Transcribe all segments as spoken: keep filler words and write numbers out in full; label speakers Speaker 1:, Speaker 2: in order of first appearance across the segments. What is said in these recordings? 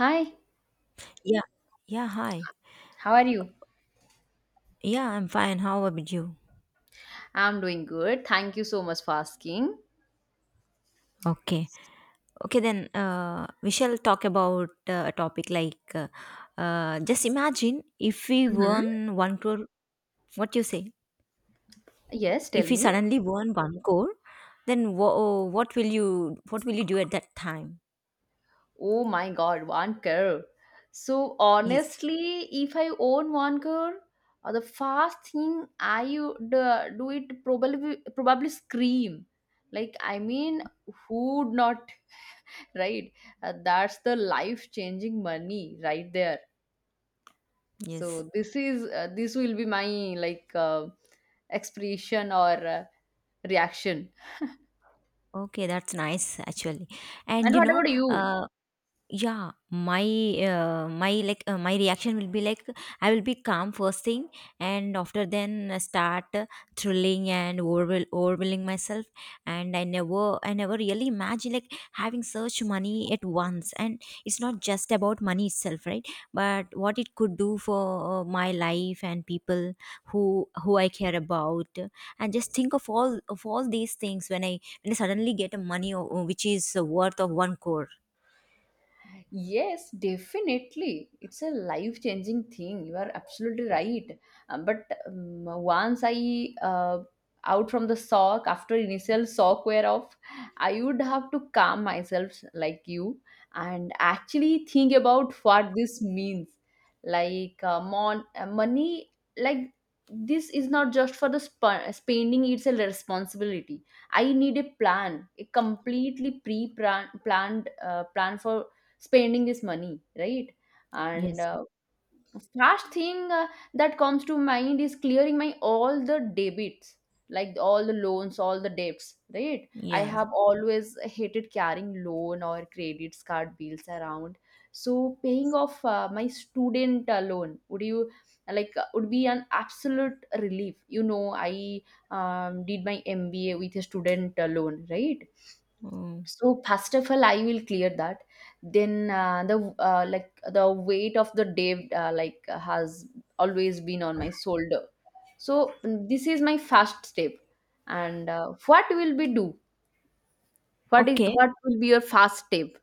Speaker 1: Hi,
Speaker 2: Yeah. Yeah, hi.
Speaker 1: how are you?
Speaker 2: Yeah, I'm fine. How about you?
Speaker 1: I'm doing good. Thank you so much for asking.
Speaker 2: Okay. Okay, then uh, we shall talk about uh, a topic like uh, uh, just imagine if we
Speaker 1: Mhm.
Speaker 2: won one crore. What you say?
Speaker 1: Yes, tell
Speaker 2: If we
Speaker 1: me.
Speaker 2: suddenly won one crore, then wha- what will you what will you do at that time?
Speaker 1: Oh my God, one crore. So
Speaker 2: Yes.
Speaker 1: honestly, if I own one crore, uh, the first thing I would uh, do it probably probably scream. Like I mean, who would not, right? Uh, that's the life-changing money right there.
Speaker 2: Yes.
Speaker 1: So this is uh, this will be my like uh, expression or uh, reaction.
Speaker 2: Okay, that's nice actually. And
Speaker 1: And
Speaker 2: you
Speaker 1: what
Speaker 2: know,
Speaker 1: about you?
Speaker 2: uh, Yeah, my uh, my like uh, my reaction will be like I will be calm first thing, and after then uh, start uh, thrilling and overwhel- overwhelming myself. And I never I never really imagine like having such money at once. And it's not just about money itself, right? But what it could do for uh, my life and people who who I care about. And just think of all of all these things when I when I suddenly get a money uh, which is uh, worth of one crore.
Speaker 1: Yes, definitely. It's a life changing thing. You are absolutely right. Uh, but um, once I uh, out from the shock after initial shock wear off, I would have to calm myself like you and actually think about what this means. Like uh, mon- uh, money, like this is not just for the sp- spending. It's a responsibility. I need a plan, a completely pre-planned uh, plan for spending this money, right? and
Speaker 2: Yes.
Speaker 1: uh, first thing uh, that comes to mind is clearing my all the debits, like all the loans, all the debts, right? I
Speaker 2: Yes.
Speaker 1: have always hated carrying loan or credit card bills around, so paying off uh, my student uh, loan would you like uh, would be an absolute relief, you know. I um, did my MBA with a student uh, loan, right?
Speaker 2: Mm.
Speaker 1: So first of all I will clear that. Then uh, the uh, like the weight of the day, uh, like has always been on my shoulder. So mm, this is my first step. And uh, what will we do what is
Speaker 2: Okay.
Speaker 1: what will be your first step?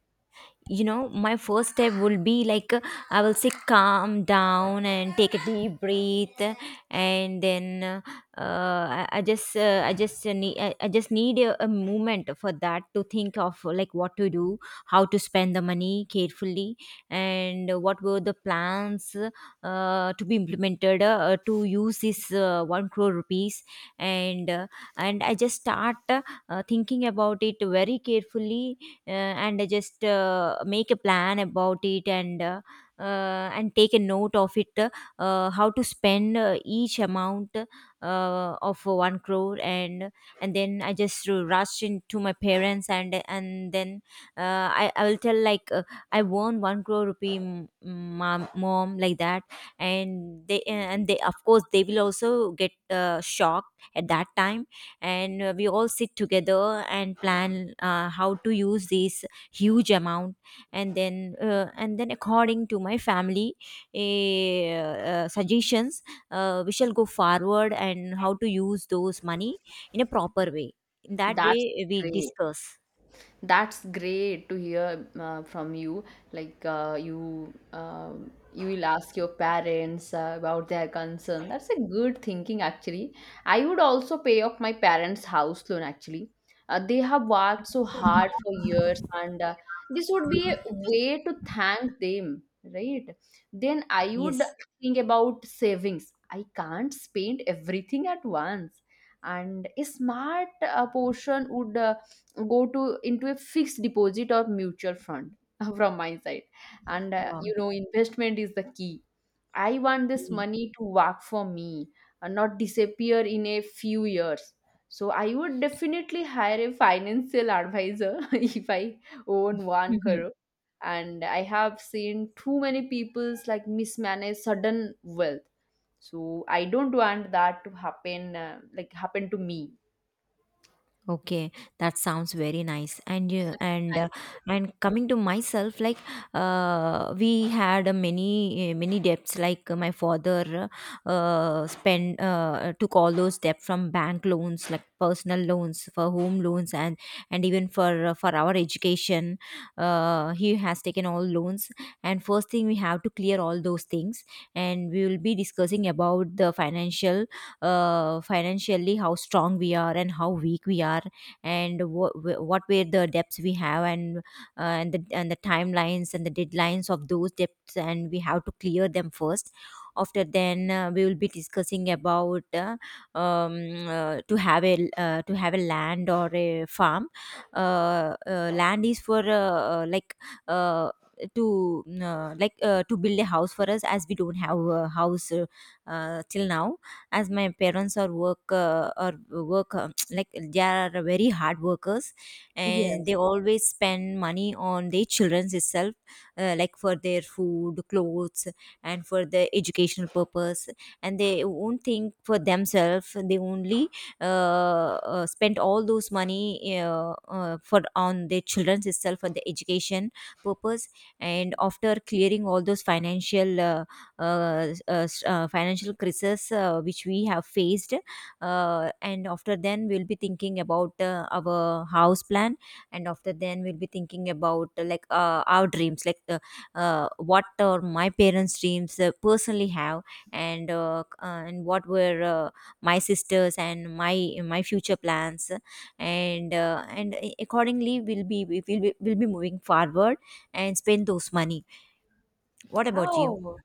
Speaker 2: You know my first step will be like uh, I will say calm down and take a deep breath, and then uh, I, I just uh, I just uh, need I, I just need a, a moment for that to think of uh, like what to do, how to spend the money carefully, and uh, what were the plans uh, to be implemented uh, to use this uh, one crore rupees. And uh, and I just start uh, uh, thinking about it very carefully, uh, and just uh, make a plan about it, and uh, uh, and take a note of it, uh, how to spend uh, each amount uh, of one crore. and and then I just rush into my parents, and and then uh, I I will tell like uh, I won one crore rupee, m- mom, mom, like that. And they and they of course they will also get uh, shocked at that time. And uh, we all sit together and plan uh, how to use this huge amount. And then uh, and then according to my family eh, uh, suggestions, uh, we shall go forward and how to use those money in a proper way. In that
Speaker 1: That's
Speaker 2: way we
Speaker 1: great.
Speaker 2: discuss.
Speaker 1: That's great to hear uh, from you. Like uh, you um, you will ask your parents uh, about their concern. That's a good thinking actually. I would also pay off my parents house loan actually. Uh, they have worked so hard for years, and uh, this would be a way to thank them, right? Then I
Speaker 2: Yes.
Speaker 1: would think about savings. I can't spend everything at once, and a smart uh, portion would uh, go to into a fixed deposit or mutual fund, from my side. And uh,
Speaker 2: Wow.
Speaker 1: you know, investment is the key. I want this money to work for me and not disappear in a few years. So I would definitely hire a financial advisor if I own one
Speaker 2: Mhm.
Speaker 1: crore. And I have seen too many people's like mismanage sudden wealth, so I don't want that to happen, uh, like happen to me.
Speaker 2: Okay, that sounds very nice. And you and uh,
Speaker 1: Thank
Speaker 2: and coming to myself, like uh, we had uh, many uh, many debts. Like uh, my father uh, spent uh, took all those debt from bank loans, like personal loans, for home loans, and and even for uh, for our education. Uh, he has taken all loans. And first thing we have to clear all those things, and we will be discussing about the financial uh, financially how strong we are and how weak we are, and wh- wh- what were the debts we have, and uh, and the and the timelines and the deadlines of those debts, and we have to clear them first. After then uh, we will be discussing about uh, um, uh, to have a uh, to have a land or a farm. Uh, uh, land is for uh, uh, like uh, to uh, like uh, to build a house for us, as we don't have a house uh, uh, till now. As my parents are work uh, or work um, like they are very hard workers,
Speaker 1: you.
Speaker 2: and
Speaker 1: Yes.
Speaker 2: they always spend money on their children's itself. Uh, like for their food, clothes, and for the educational purpose. And they won't think for themselves. They only uh, uh, spend all those money uh, uh, for on their children's itself for the education purpose. And after clearing all those financial uh, uh, s- uh, s- uh, financial crisis uh, which we have faced, uh, and after then we'll be thinking about uh, our house plan. And after then we'll be thinking about uh, like uh, our dreams, like uh, uh, what are my parents dreams uh, personally have. And uh, c- uh, and what were uh, my sisters and my my future plans. And uh, and a- accordingly we'll be we will be, we'll be moving forward and spend those money. What about you?
Speaker 1: Oh,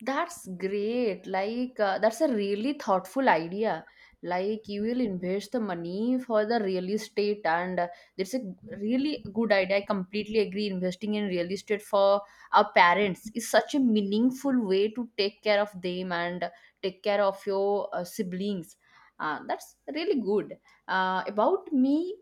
Speaker 1: that's great. Like, uh, that's a really thoughtful idea. Like, you will invest the money for the real estate, and uh, that's a really good idea. I completely agree. Investing in real estate for our parents is such a meaningful way to take care of them and take care of your uh, siblings. Uh, that's really good. Uh, about me,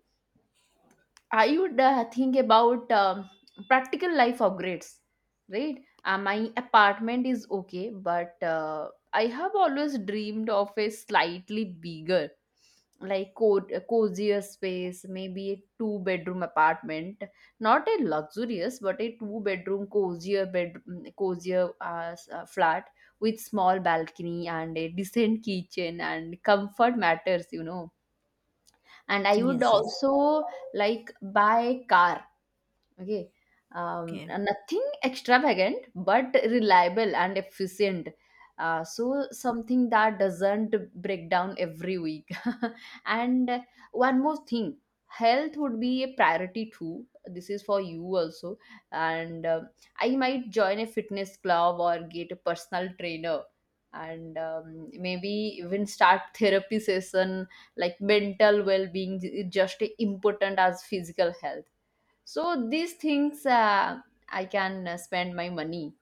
Speaker 1: I would uh, think about um, practical life upgrades, right? Uh, my apartment is okay, but uh, I have always dreamed of a slightly bigger, like co- a cozier space, maybe a two bedroom apartment, not a luxurious, but a two bedroom cozier bed, mm, cozier uh, s- uh, flat with small balcony and a decent kitchen, and comfort matters, you know. And I would
Speaker 2: Yes, yes.
Speaker 1: also like buy car. Okay. Um,
Speaker 2: Okay.
Speaker 1: nothing extravagant, but reliable and efficient. Uh, so something that doesn't break down every week. And one more thing, health would be a priority too. This is for you also. And um I might join a fitness club or get a personal trainer. And um, maybe even start therapy session, like mental well-being is just as important as physical health. So these things uh, I can uh, spend my money.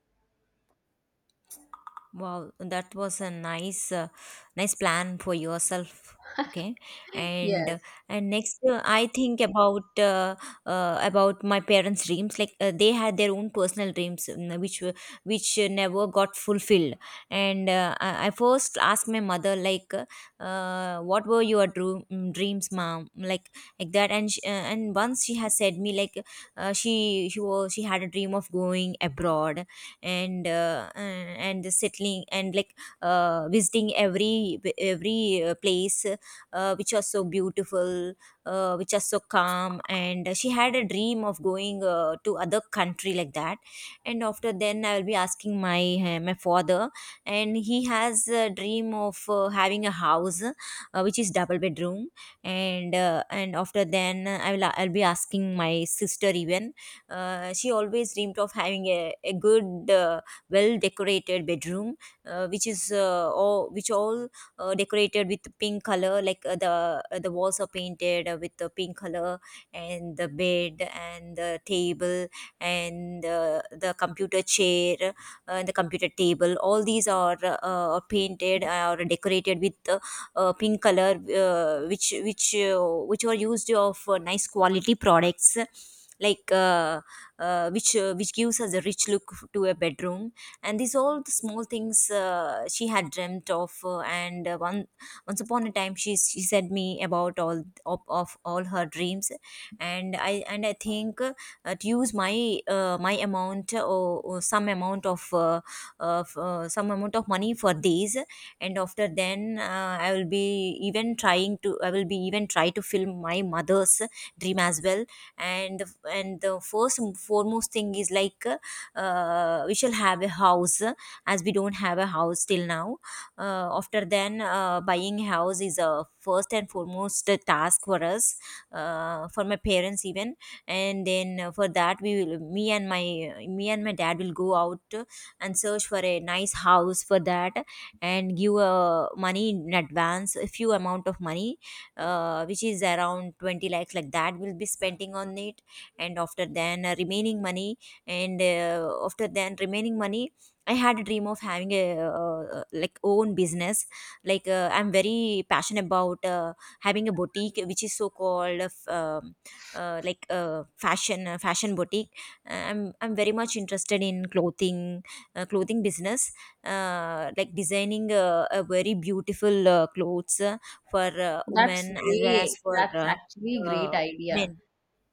Speaker 2: Wow, that was a nice, uh, nice plan for yourself. Okay, and uh,
Speaker 1: Yes,
Speaker 2: and next uh, I think about uh, uh, about my parents' dreams. Like uh, they had their own personal dreams, mm, which were which uh, never got fulfilled. And uh, I, I first asked my mother, like, uh, uh, what were your dream, mm, dreams, mom? Like like that. And she, uh, and once she has said me, like, uh, she she was she had a dream of going abroad. And uh, uh, and settling and like uh, visiting every every uh, place uh, which was so beautiful, uh, which was so calm. And she had a dream of going uh, to other country like that. And after then I will be asking my uh, my father. And he has a dream of uh, having a house uh, which is double bedroom. And uh, and after then i will I'll be asking my sister even. Uh, she always dreamed of having a, a good, uh, well decorated bedroom, uh, which is uh, all which all uh, decorated with pink color. Like uh, the uh, the walls are painted uh, with the pink color, and the bed and the table, and uh, the computer chair uh, and the computer table. All these are uh, uh, painted uh, or decorated with uh, uh, pink color, uh, which which uh, which are used of uh, nice quality products, like. Uh, uh, which uh, which gives us a rich look to a bedroom. And these all the small things uh, she had dreamt of. Uh, and uh, one once upon a time, she she said me about all of, of all her dreams. And I and I think uh, to use my uh, my amount uh, or, or some amount of uh, of uh, some amount of money for these. And after then uh, i will be even trying to I will be even try to film my mother's dream as well. And the, and the first and foremost thing is like uh, we shall have a house uh, as we don't have a house till now. Uh, after then uh, buying a house is a first and foremost uh, task for us, uh, for my parents even. And then uh, for that we will me and my me and my dad will go out uh, and search for a nice house for that, and give uh, money in advance, a few amount of money uh, which is around twenty lakhs like that will be spending on it. And after then uh, remaining money, and uh, after then remaining money I had a dream of having a uh, uh, like own business. Like uh, I'm very passionate about uh, having a boutique which is so called uh, f- um, uh, like uh, fashion uh, fashion boutique. Uh, i'm I'm very much interested in clothing, uh, clothing business, uh, like designing uh, a very beautiful uh, clothes for uh,
Speaker 1: that's
Speaker 2: women as well as
Speaker 1: great.
Speaker 2: for
Speaker 1: That's
Speaker 2: uh,
Speaker 1: actually
Speaker 2: uh,
Speaker 1: great idea.
Speaker 2: men.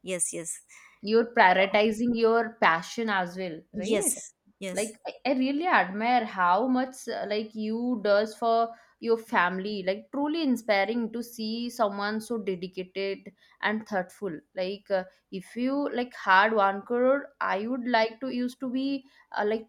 Speaker 2: Yes, yes,
Speaker 1: You're prioritizing your passion as well, right?
Speaker 2: yes, yes.
Speaker 1: Like I, I really admire how much uh, like you does for your family. Like truly inspiring to see someone so dedicated and thoughtful. Like uh, if you like had one crore, I would like to used to be uh, like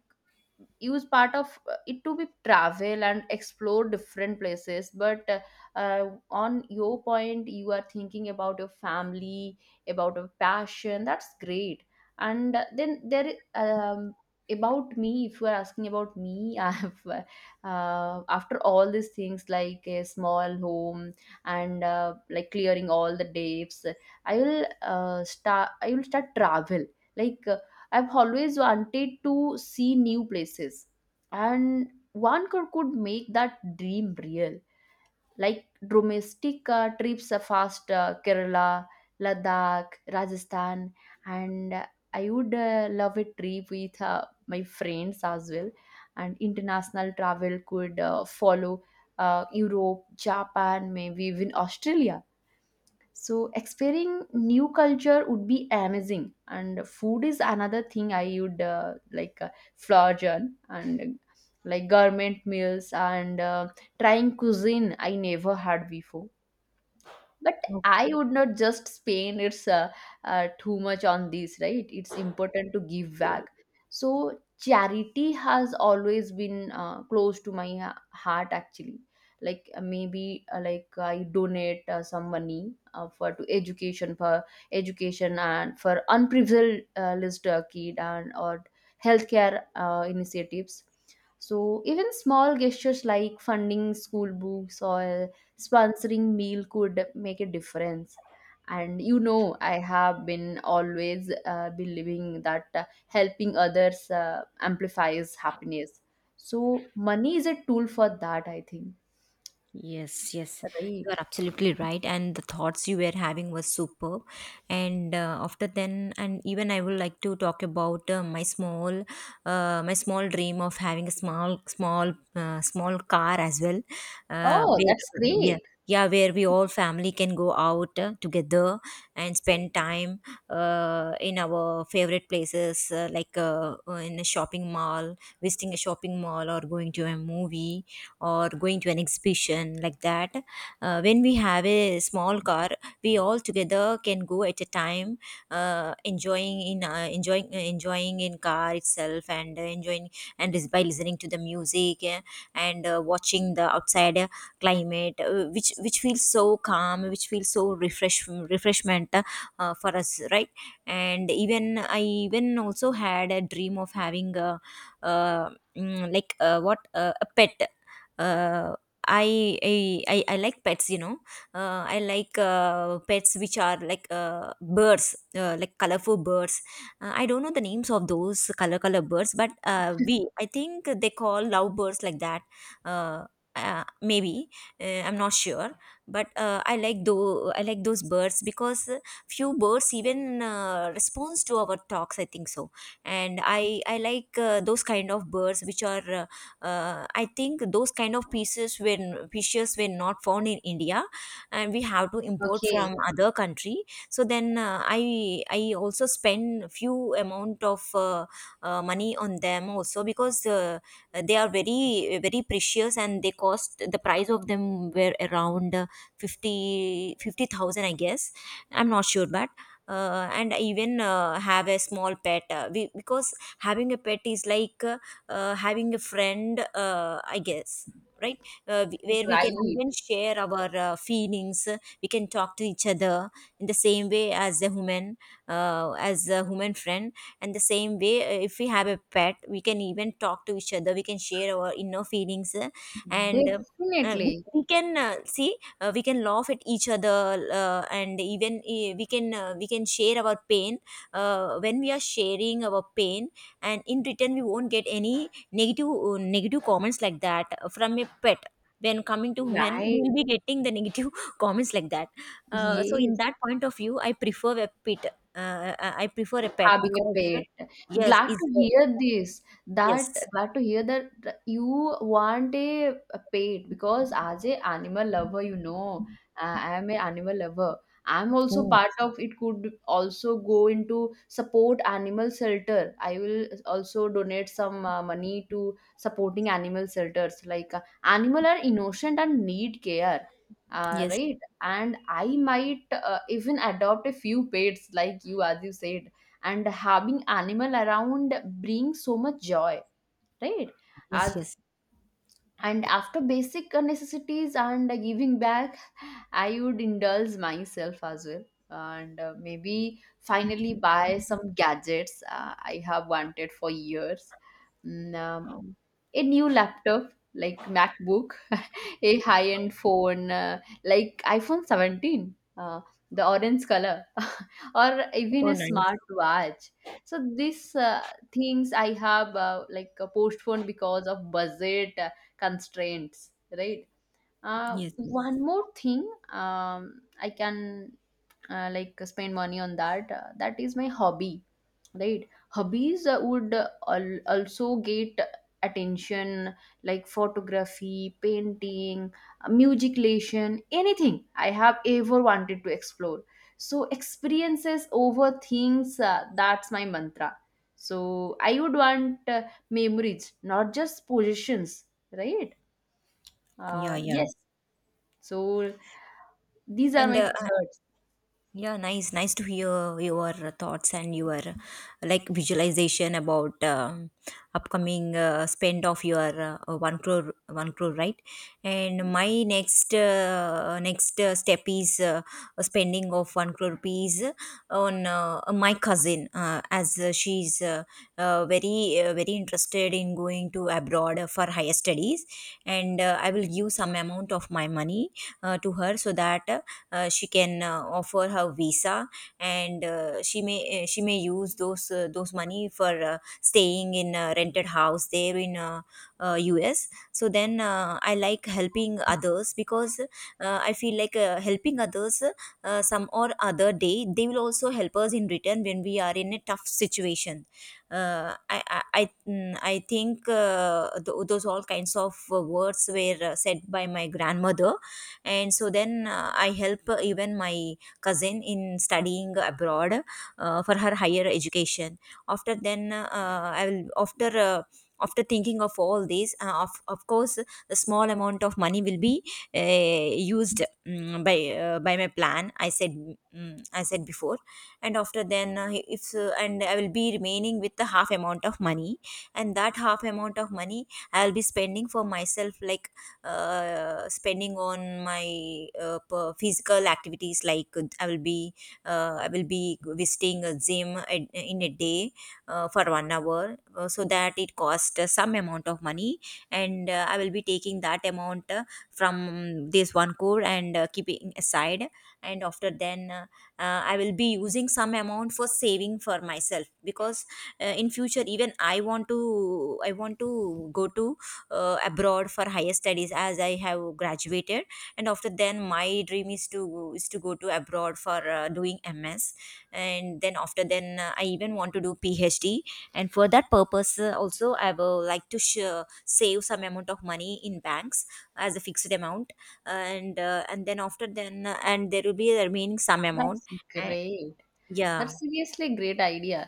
Speaker 1: use part of uh, it to be travel and explore different places. But uh, uh, On your point, you are thinking about your family, about your passion. That's great. And uh, then there um, about me, if you are asking about me, I have uh, uh, after all these things like a small home, and uh, like clearing all the debts, i will uh, start i will start travel, like uh, I've always wanted to see new places, and one could, could make that dream real. Like domestic uh, trips are fast, uh, Kerala, Ladakh, Rajasthan, and uh, I would uh, love a trip with uh, my friends as well. And international travel could uh, follow, uh, Europe, Japan, maybe even Australia. So experiencing new culture would be amazing, and food is another thing I would uh, like uh, flourish on. And like government meals and uh, trying cuisine I never had before. But I would not just spend it's uh, uh, too much on this, right? It's important to give back. So charity has always been uh, close to my ha- heart actually. Like uh, maybe uh, like I donate uh, some money uh, for to education for education, and for unprivileged uh, list, uh, kid and or healthcare uh, initiatives. So even small gestures like funding school books or sponsoring meal could make a difference. And you know, I have been always uh, believing that uh, helping others uh, amplifies happiness. So money is a tool for that, I think.
Speaker 2: Yes, yes, you
Speaker 1: Right.
Speaker 2: are absolutely right. And the thoughts you were having was superb. And uh, after then, and even I would like to talk about uh, my small, uh, my small dream of having a small, small, uh, small car as well. Uh,
Speaker 1: Oh, that's
Speaker 2: where, yeah,
Speaker 1: great.
Speaker 2: yeah, where we all family can go out uh, together and spend time uh, in our favorite places, uh, like uh, uh, in a shopping mall, visiting a shopping mall, or going to a movie, or going to an exhibition like that. Uh, when we have a small car, we all together can go at a time, uh, enjoying in uh, enjoying uh, enjoying in car itself, and uh, enjoying, and is by listening to the music, uh, and uh, watching the outside uh, climate, uh, which which feels so calm, which feels so refresh refreshment, uh, uh, for us, right? And even I even also had a dream of having a uh, mm, like uh, what uh, a pet. uh, I, I I I like pets, you know. Uh, I like uh, pets which are like uh, birds, uh, like colorful birds. Uh, I don't know the names of those color color birds, but uh, we I think they call lovebirds like that. Uh, uh, Maybe uh, I'm not sure, but uh, I like though I like those birds because uh, few birds even uh, responds to our talks. I think so, and I I like uh, those kind of birds which are uh, uh, I think those kind of pieces when fishes were not found in India, and we have to import
Speaker 1: Okay.
Speaker 2: from other country. So then uh, i i also spend few amount of uh, uh, money on them also because uh, they are very, very precious, and they cost, the price of them were around uh, 50 fifty thousand, I guess. I'm not sure, but uh, and I even uh, have a small pet, uh, we, because having a pet is like uh, uh, having a friend, uh, I guess, right? Uh, w- where we
Speaker 1: Right.
Speaker 2: can even share our uh, feelings. Uh, we can talk to each other in the same way as a human, uh, as a human friend. And the same way, uh, if we have a pet, we can even talk to each other, we can share our inner feelings, uh, and uh, uh, we,
Speaker 1: Definitely.
Speaker 2: we can uh, see, uh, we can laugh at each other, uh, and even uh, we can uh, we can share our pain uh, when we are sharing our pain. And in return we won't get any negative uh, negative comments like that from a pet. When coming to men
Speaker 1: Right.
Speaker 2: we'll be getting the negative comments like that. Uh, so in
Speaker 1: Yes,
Speaker 2: that point of view I prefer a pet. Uh, i I prefer a pet
Speaker 1: having a
Speaker 2: because uh,
Speaker 1: pet.
Speaker 2: yes
Speaker 1: Glad
Speaker 2: is.
Speaker 1: to hear this, that
Speaker 2: Yes.
Speaker 1: glad to hear that, that you want a, a pet. Because as a animal lover, you know, uh, I am a animal lover. I'm also
Speaker 2: Mm.
Speaker 1: part of it could also go into support animal shelter. I will also donate some uh, money to supporting animal shelters. Like uh, animal are innocent and need care, uh,
Speaker 2: Yes,
Speaker 1: right. And I might uh, even adopt a few pets like you, as you said. And having animal around brings so much joy, right?
Speaker 2: yes,
Speaker 1: As
Speaker 2: yes.
Speaker 1: and after basic necessities and giving back, I would indulge myself as well, and uh, maybe finally buy some gadgets uh, I have wanted for years. Mm, um, a new laptop like MacBook, a high-end phone uh, like iPhone seventeen, uh, the orange color, or even
Speaker 2: Oh,
Speaker 1: a
Speaker 2: nice.
Speaker 1: smartwatch. So these uh, things I have uh, like uh, postponed because of budget uh, constraints, right? Uh,
Speaker 2: Yes,
Speaker 1: one
Speaker 2: yes.
Speaker 1: more thing, um, I can uh, like spend money on that, uh, that is my hobby, right? Hobbies uh, would uh, al- also get attention, like photography, painting, uh, musiclation, anything I have ever wanted to explore. So experiences over things, uh, that's my mantra. So I would want uh, memories, not just possessions, right?
Speaker 2: Yeah,
Speaker 1: Uh,
Speaker 2: yeah.
Speaker 1: yes, so these are
Speaker 2: And
Speaker 1: my
Speaker 2: uh,
Speaker 1: thoughts.
Speaker 2: yeah, nice. Nice to hear your thoughts and your, like, visualization about um upcoming uh, spend of your uh, one crore, one crore, right? And my next uh, next uh, step is uh, spending of one crore rupees on uh, my cousin, uh, as uh, she's uh, uh, very uh, very interested in going to abroad for higher studies, and uh, I will give some amount of my money uh, to her, so that uh, uh, she can uh, offer her visa, and uh, she may uh, she may use those uh, those money for uh, staying in a rented house there in uh, uh, U S. So then uh, I like helping others, because uh, I feel like uh, helping others, uh, some or other day they will also help us in return when we are in a tough situation. uh, I, I, I, mm, I think uh, th- those all kinds of uh, words were uh, said by my grandmother. And so then uh, I help uh, even my cousin in studying abroad uh, for her higher education. After then uh, I will after uh, after thinking of all this, uh, of, of course the small amount of money will be uh, used, mm, by uh, by my plan i said mm, i said before. And after then uh, if uh, and I will be remaining with the half amount of money, and that half amount of money I'll be spending for myself, like uh, spending on my uh, per- physical activities, like uh, i will be uh, I will be visiting a gym at, in a day, uh, for one hour, uh, so that it cost uh, some amount of money. And uh, I will be taking that amount uh, from this one core and uh, keeping aside. And after then uh, uh, I will be using some amount for saving for myself, because uh, in future, even i want to i want to go to uh, abroad for higher studies, as I have graduated. And after then my dream is to is to go to abroad for uh, doing M S. And then after then uh, I even want to do P H D. And for that purpose uh, also I will like to sh- save some amount of money in banks as a fixed amount. And uh, and then after then uh, and there will be a remaining some amount.
Speaker 1: That's
Speaker 2: uh,
Speaker 1: great.
Speaker 2: yeah.
Speaker 1: That's seriously a great idea.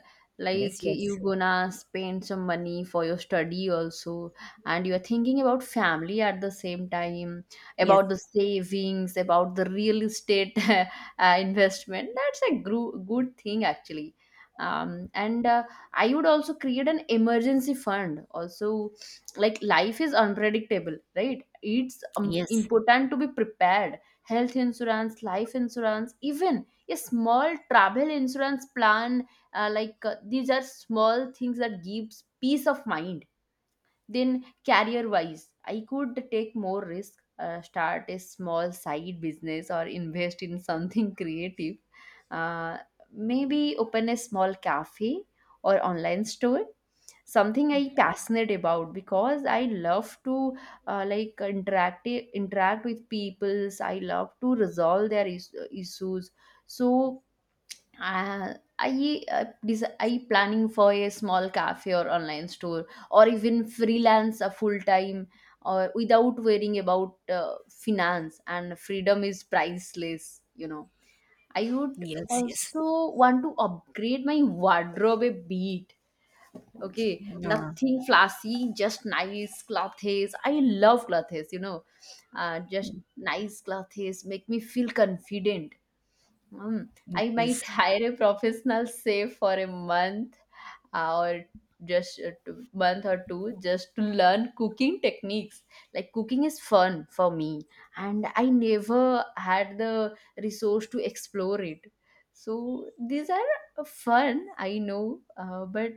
Speaker 2: Yes,
Speaker 1: Like you
Speaker 2: yes.
Speaker 1: gonna spend some money for your study also, and you are thinking about family at the same time,
Speaker 2: Yes,
Speaker 1: about the savings, about the real estate uh, investment. That's a gro- good thing actually. Um, and uh, I would also create an emergency fund. Also, like life is unpredictable, right? It's um,
Speaker 2: yes,
Speaker 1: important to be prepared. Health insurance, life insurance, even a small travel insurance plan, uh, like uh, these are small things that gives peace of mind. Then career wise, I could take more risk, uh, start a small side business or invest in something creative, uh, maybe open a small cafe or online store, something I passionate about because I love to uh, like interact interact with peoples, I love to resolve their is- issues. So uh, I uh, des- I planning for a small cafe or online store, or even freelance a full time, or without worrying about uh, finance, and freedom is priceless, you know. I would
Speaker 2: yes, yes.
Speaker 1: also want to upgrade my wardrobe a bit. Okay,
Speaker 2: Yeah.
Speaker 1: nothing flashy, just nice clothes. I love clothes, you know. Uh, just nice clothes make me feel confident. um, I
Speaker 2: Yes.
Speaker 1: might hire a professional, say for a month, uh, or just a two, month or two, just to learn cooking techniques. Like cooking is fun for me, and I never had the resource to explore it. So these are uh, fun, I know, uh, but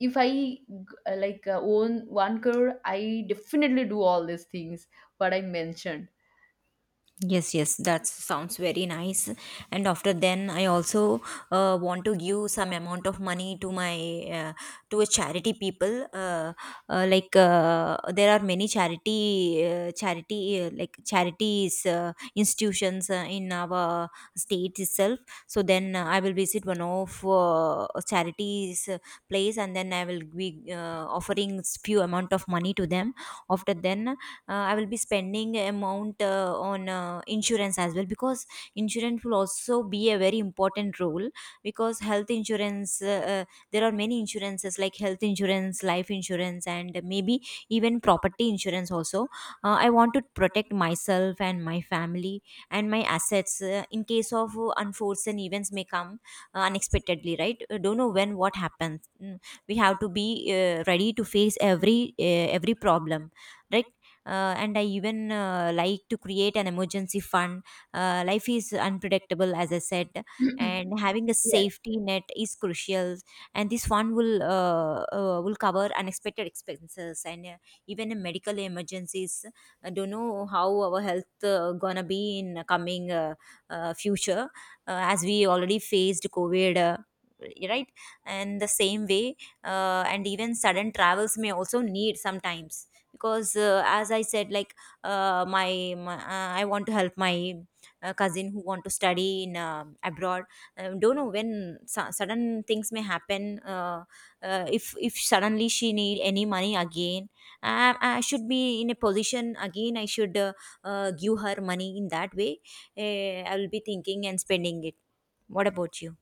Speaker 1: if I g- uh, like uh, own one crore, I definitely do all these things what I mentioned.
Speaker 2: Yes, yes, that sounds very nice. And after then, I also uh, want to give some amount of money to my uh, to a charity people. Uh, uh, like, uh, there are many charity uh, charity uh, like charities, uh, institutions, uh, in our state itself. So then uh, I will visit one of uh, charities uh, place, and then I will be uh, offering few amount of money to them. After then uh, I will be spending amount uh, on uh, insurance as well, because insurance will also be a very important role. Because health insurance, uh, uh, there are many insurances like health insurance, life insurance, and maybe even property insurance also. uh, I want to protect myself and my family and my assets, uh, in case of uh, unforeseen events may come uh, unexpectedly, right? Uh, don't know when what happens. Mm. We have to be uh, ready to face every uh, every problem, right? Uh, and I even uh, like to create an emergency fund. Uh, life is unpredictable, as I said, and having a
Speaker 1: Yes.
Speaker 2: safety net is crucial. And this fund will uh, uh, will cover unexpected expenses, and uh, even in medical emergencies. I don't know how our health uh, gonna be in coming uh, uh, future, uh, as we already faced COVID, uh, right? And the same way, uh, and even sudden travels may also need sometimes, because uh, as I said, like uh, my, my uh, I want to help my uh, cousin who want to study in um abroad. Um, don't know when su- sudden things may happen. uh, uh, if if suddenly she need any money again, I, I should be in a position again. I should uh, uh, give her money in that way. uh, I will be thinking and spending it. What about you?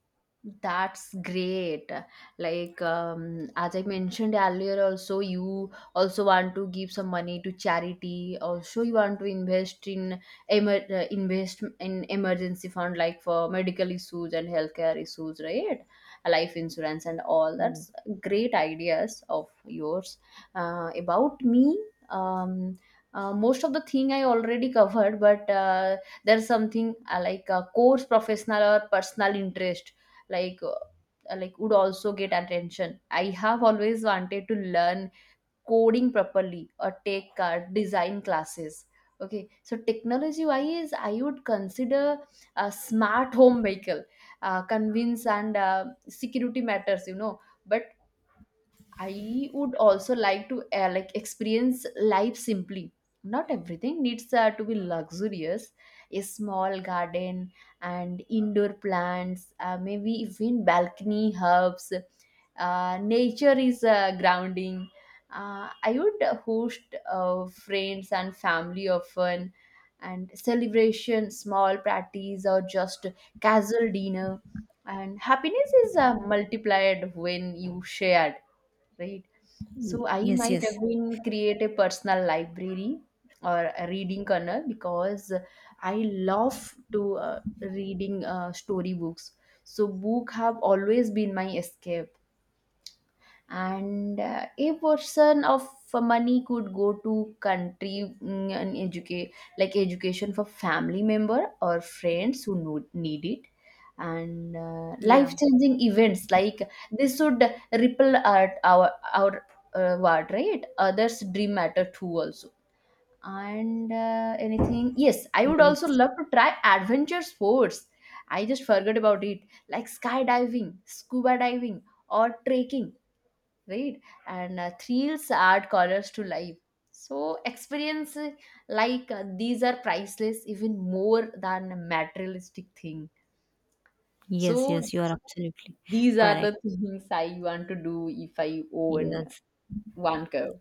Speaker 1: That's great. Like um, as I mentioned earlier, also you also want to give some money to charity. Also, you want to invest in emer- uh, invest in emergency fund, like for medical issues and healthcare issues, right? Life insurance and all.
Speaker 2: Mm.
Speaker 1: That's great ideas of yours. Uh, about me, um, uh, most of the thing I already covered, but uh, there's something uh, like a course, professional or personal interest, like uh, like would also get attention. I have always wanted to learn coding properly or take uh, design classes. Okay, so technology wise, I would consider a smart home vehicle, uh, convince and uh, security matters, you know. But I would also like to uh, like experience life simply. Not everything needs uh, to be luxurious. A small garden and indoor plants, uh, maybe even balcony herbs. Uh, nature is uh, grounding. Uh, I would host uh, friends and family often, and celebration, small parties, or just casual dinner. And happiness is uh, multiplied when you share, right? So I
Speaker 2: Yes,
Speaker 1: might
Speaker 2: yes.
Speaker 1: have been create a personal library or a reading corner, because I love to uh, reading uh, story books. So book have always been my escape, and uh, a portion of uh, money could go to country, mm, and educate, like education for family member or friends who no- need it. And uh,
Speaker 2: Yeah,
Speaker 1: life changing events like this should ripple out our our uh, ward, right? Others dream matter too also. And uh, anything, yes, I would also
Speaker 2: yes,
Speaker 1: love to try adventure sports. I just forgot about it, like skydiving, scuba diving, or trekking, right? And uh, thrills add colors to life. So experience, uh, like uh, these are priceless, even more than a materialistic thing.
Speaker 2: yes,
Speaker 1: So
Speaker 2: yes, you are absolutely
Speaker 1: these are the
Speaker 2: correct.
Speaker 1: things I want to do if I own
Speaker 2: Yes.
Speaker 1: one curve.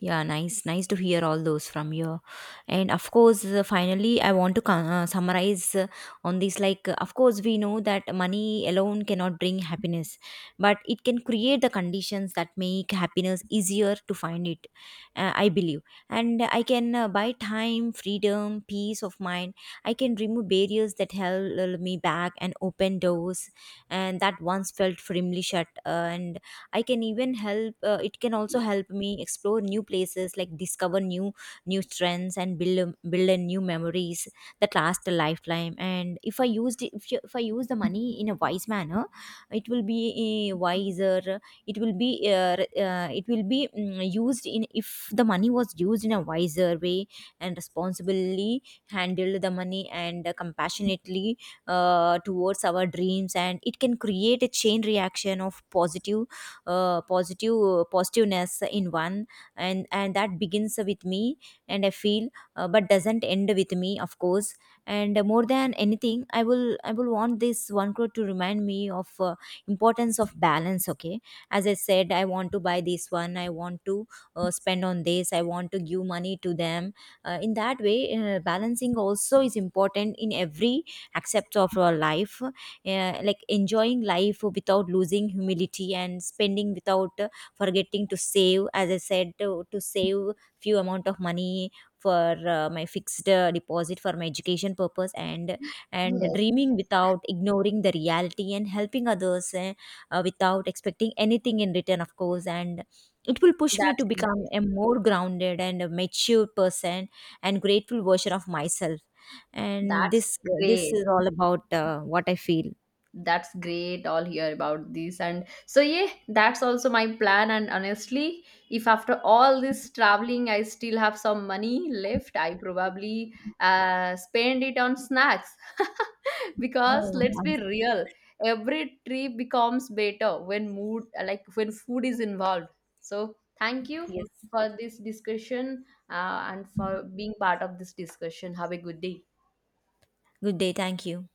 Speaker 2: Yeah, nice. Nice to hear all those from you. And of course uh, finally I want to con- uh, summarize uh, on this, like, uh, of course we know that money alone cannot bring happiness, but it can create the conditions that make happiness easier to find it, uh, I believe. And I can uh, buy time, freedom, peace of mind. I can remove barriers that held uh, me back and open doors, and that once felt firmly shut, uh, and I can even help uh, it can also help me explore new places, like discover new new trends and build a- build a new memories that last a lifetime. And if i used it- if, you- if I use the money in a wise manner, it will be uh, wiser. It will be uh, uh, it will be mm, used in, if the money was used in a wiser way, and responsibly handled the money, and uh, compassionately uh, towards our dreams, and it can create a chain reaction of positive uh, positive positiveness in one. And and that begins with me, and I feel, uh, but doesn't end with me, of course. And more than anything, i will i will want this one crore to remind me of uh, importance of balance, okay. As I said, I want to buy this one, I want to uh, spend on this, I want to give money to them, uh, in that way. Uh, balancing also is important in every aspect of our life, uh, like enjoying life without losing humility, and spending without uh, forgetting to save, as I said, to, to save few amount of money for uh, my fixed uh, deposit for my education purpose, and and
Speaker 1: Yes,
Speaker 2: dreaming without ignoring the reality, and helping others, uh, uh, without expecting anything in return, of course, and it will push me to
Speaker 1: that's
Speaker 2: become
Speaker 1: great
Speaker 2: a more grounded and a mature person, and grateful version of myself. And
Speaker 1: that's
Speaker 2: this this
Speaker 1: great
Speaker 2: is all about uh, what I feel.
Speaker 1: That's great. All hear about this. And so yeah, that's also my plan. And honestly, if after all this traveling I still have some money left, I probably uh, spend it on snacks, because
Speaker 2: Oh,
Speaker 1: let's
Speaker 2: nice.
Speaker 1: be real, every trip becomes better when mood like when food is involved. So thank you
Speaker 2: Yes.
Speaker 1: for this discussion, uh, and for being part of this discussion. Have a good day.
Speaker 2: Good day. Thank you.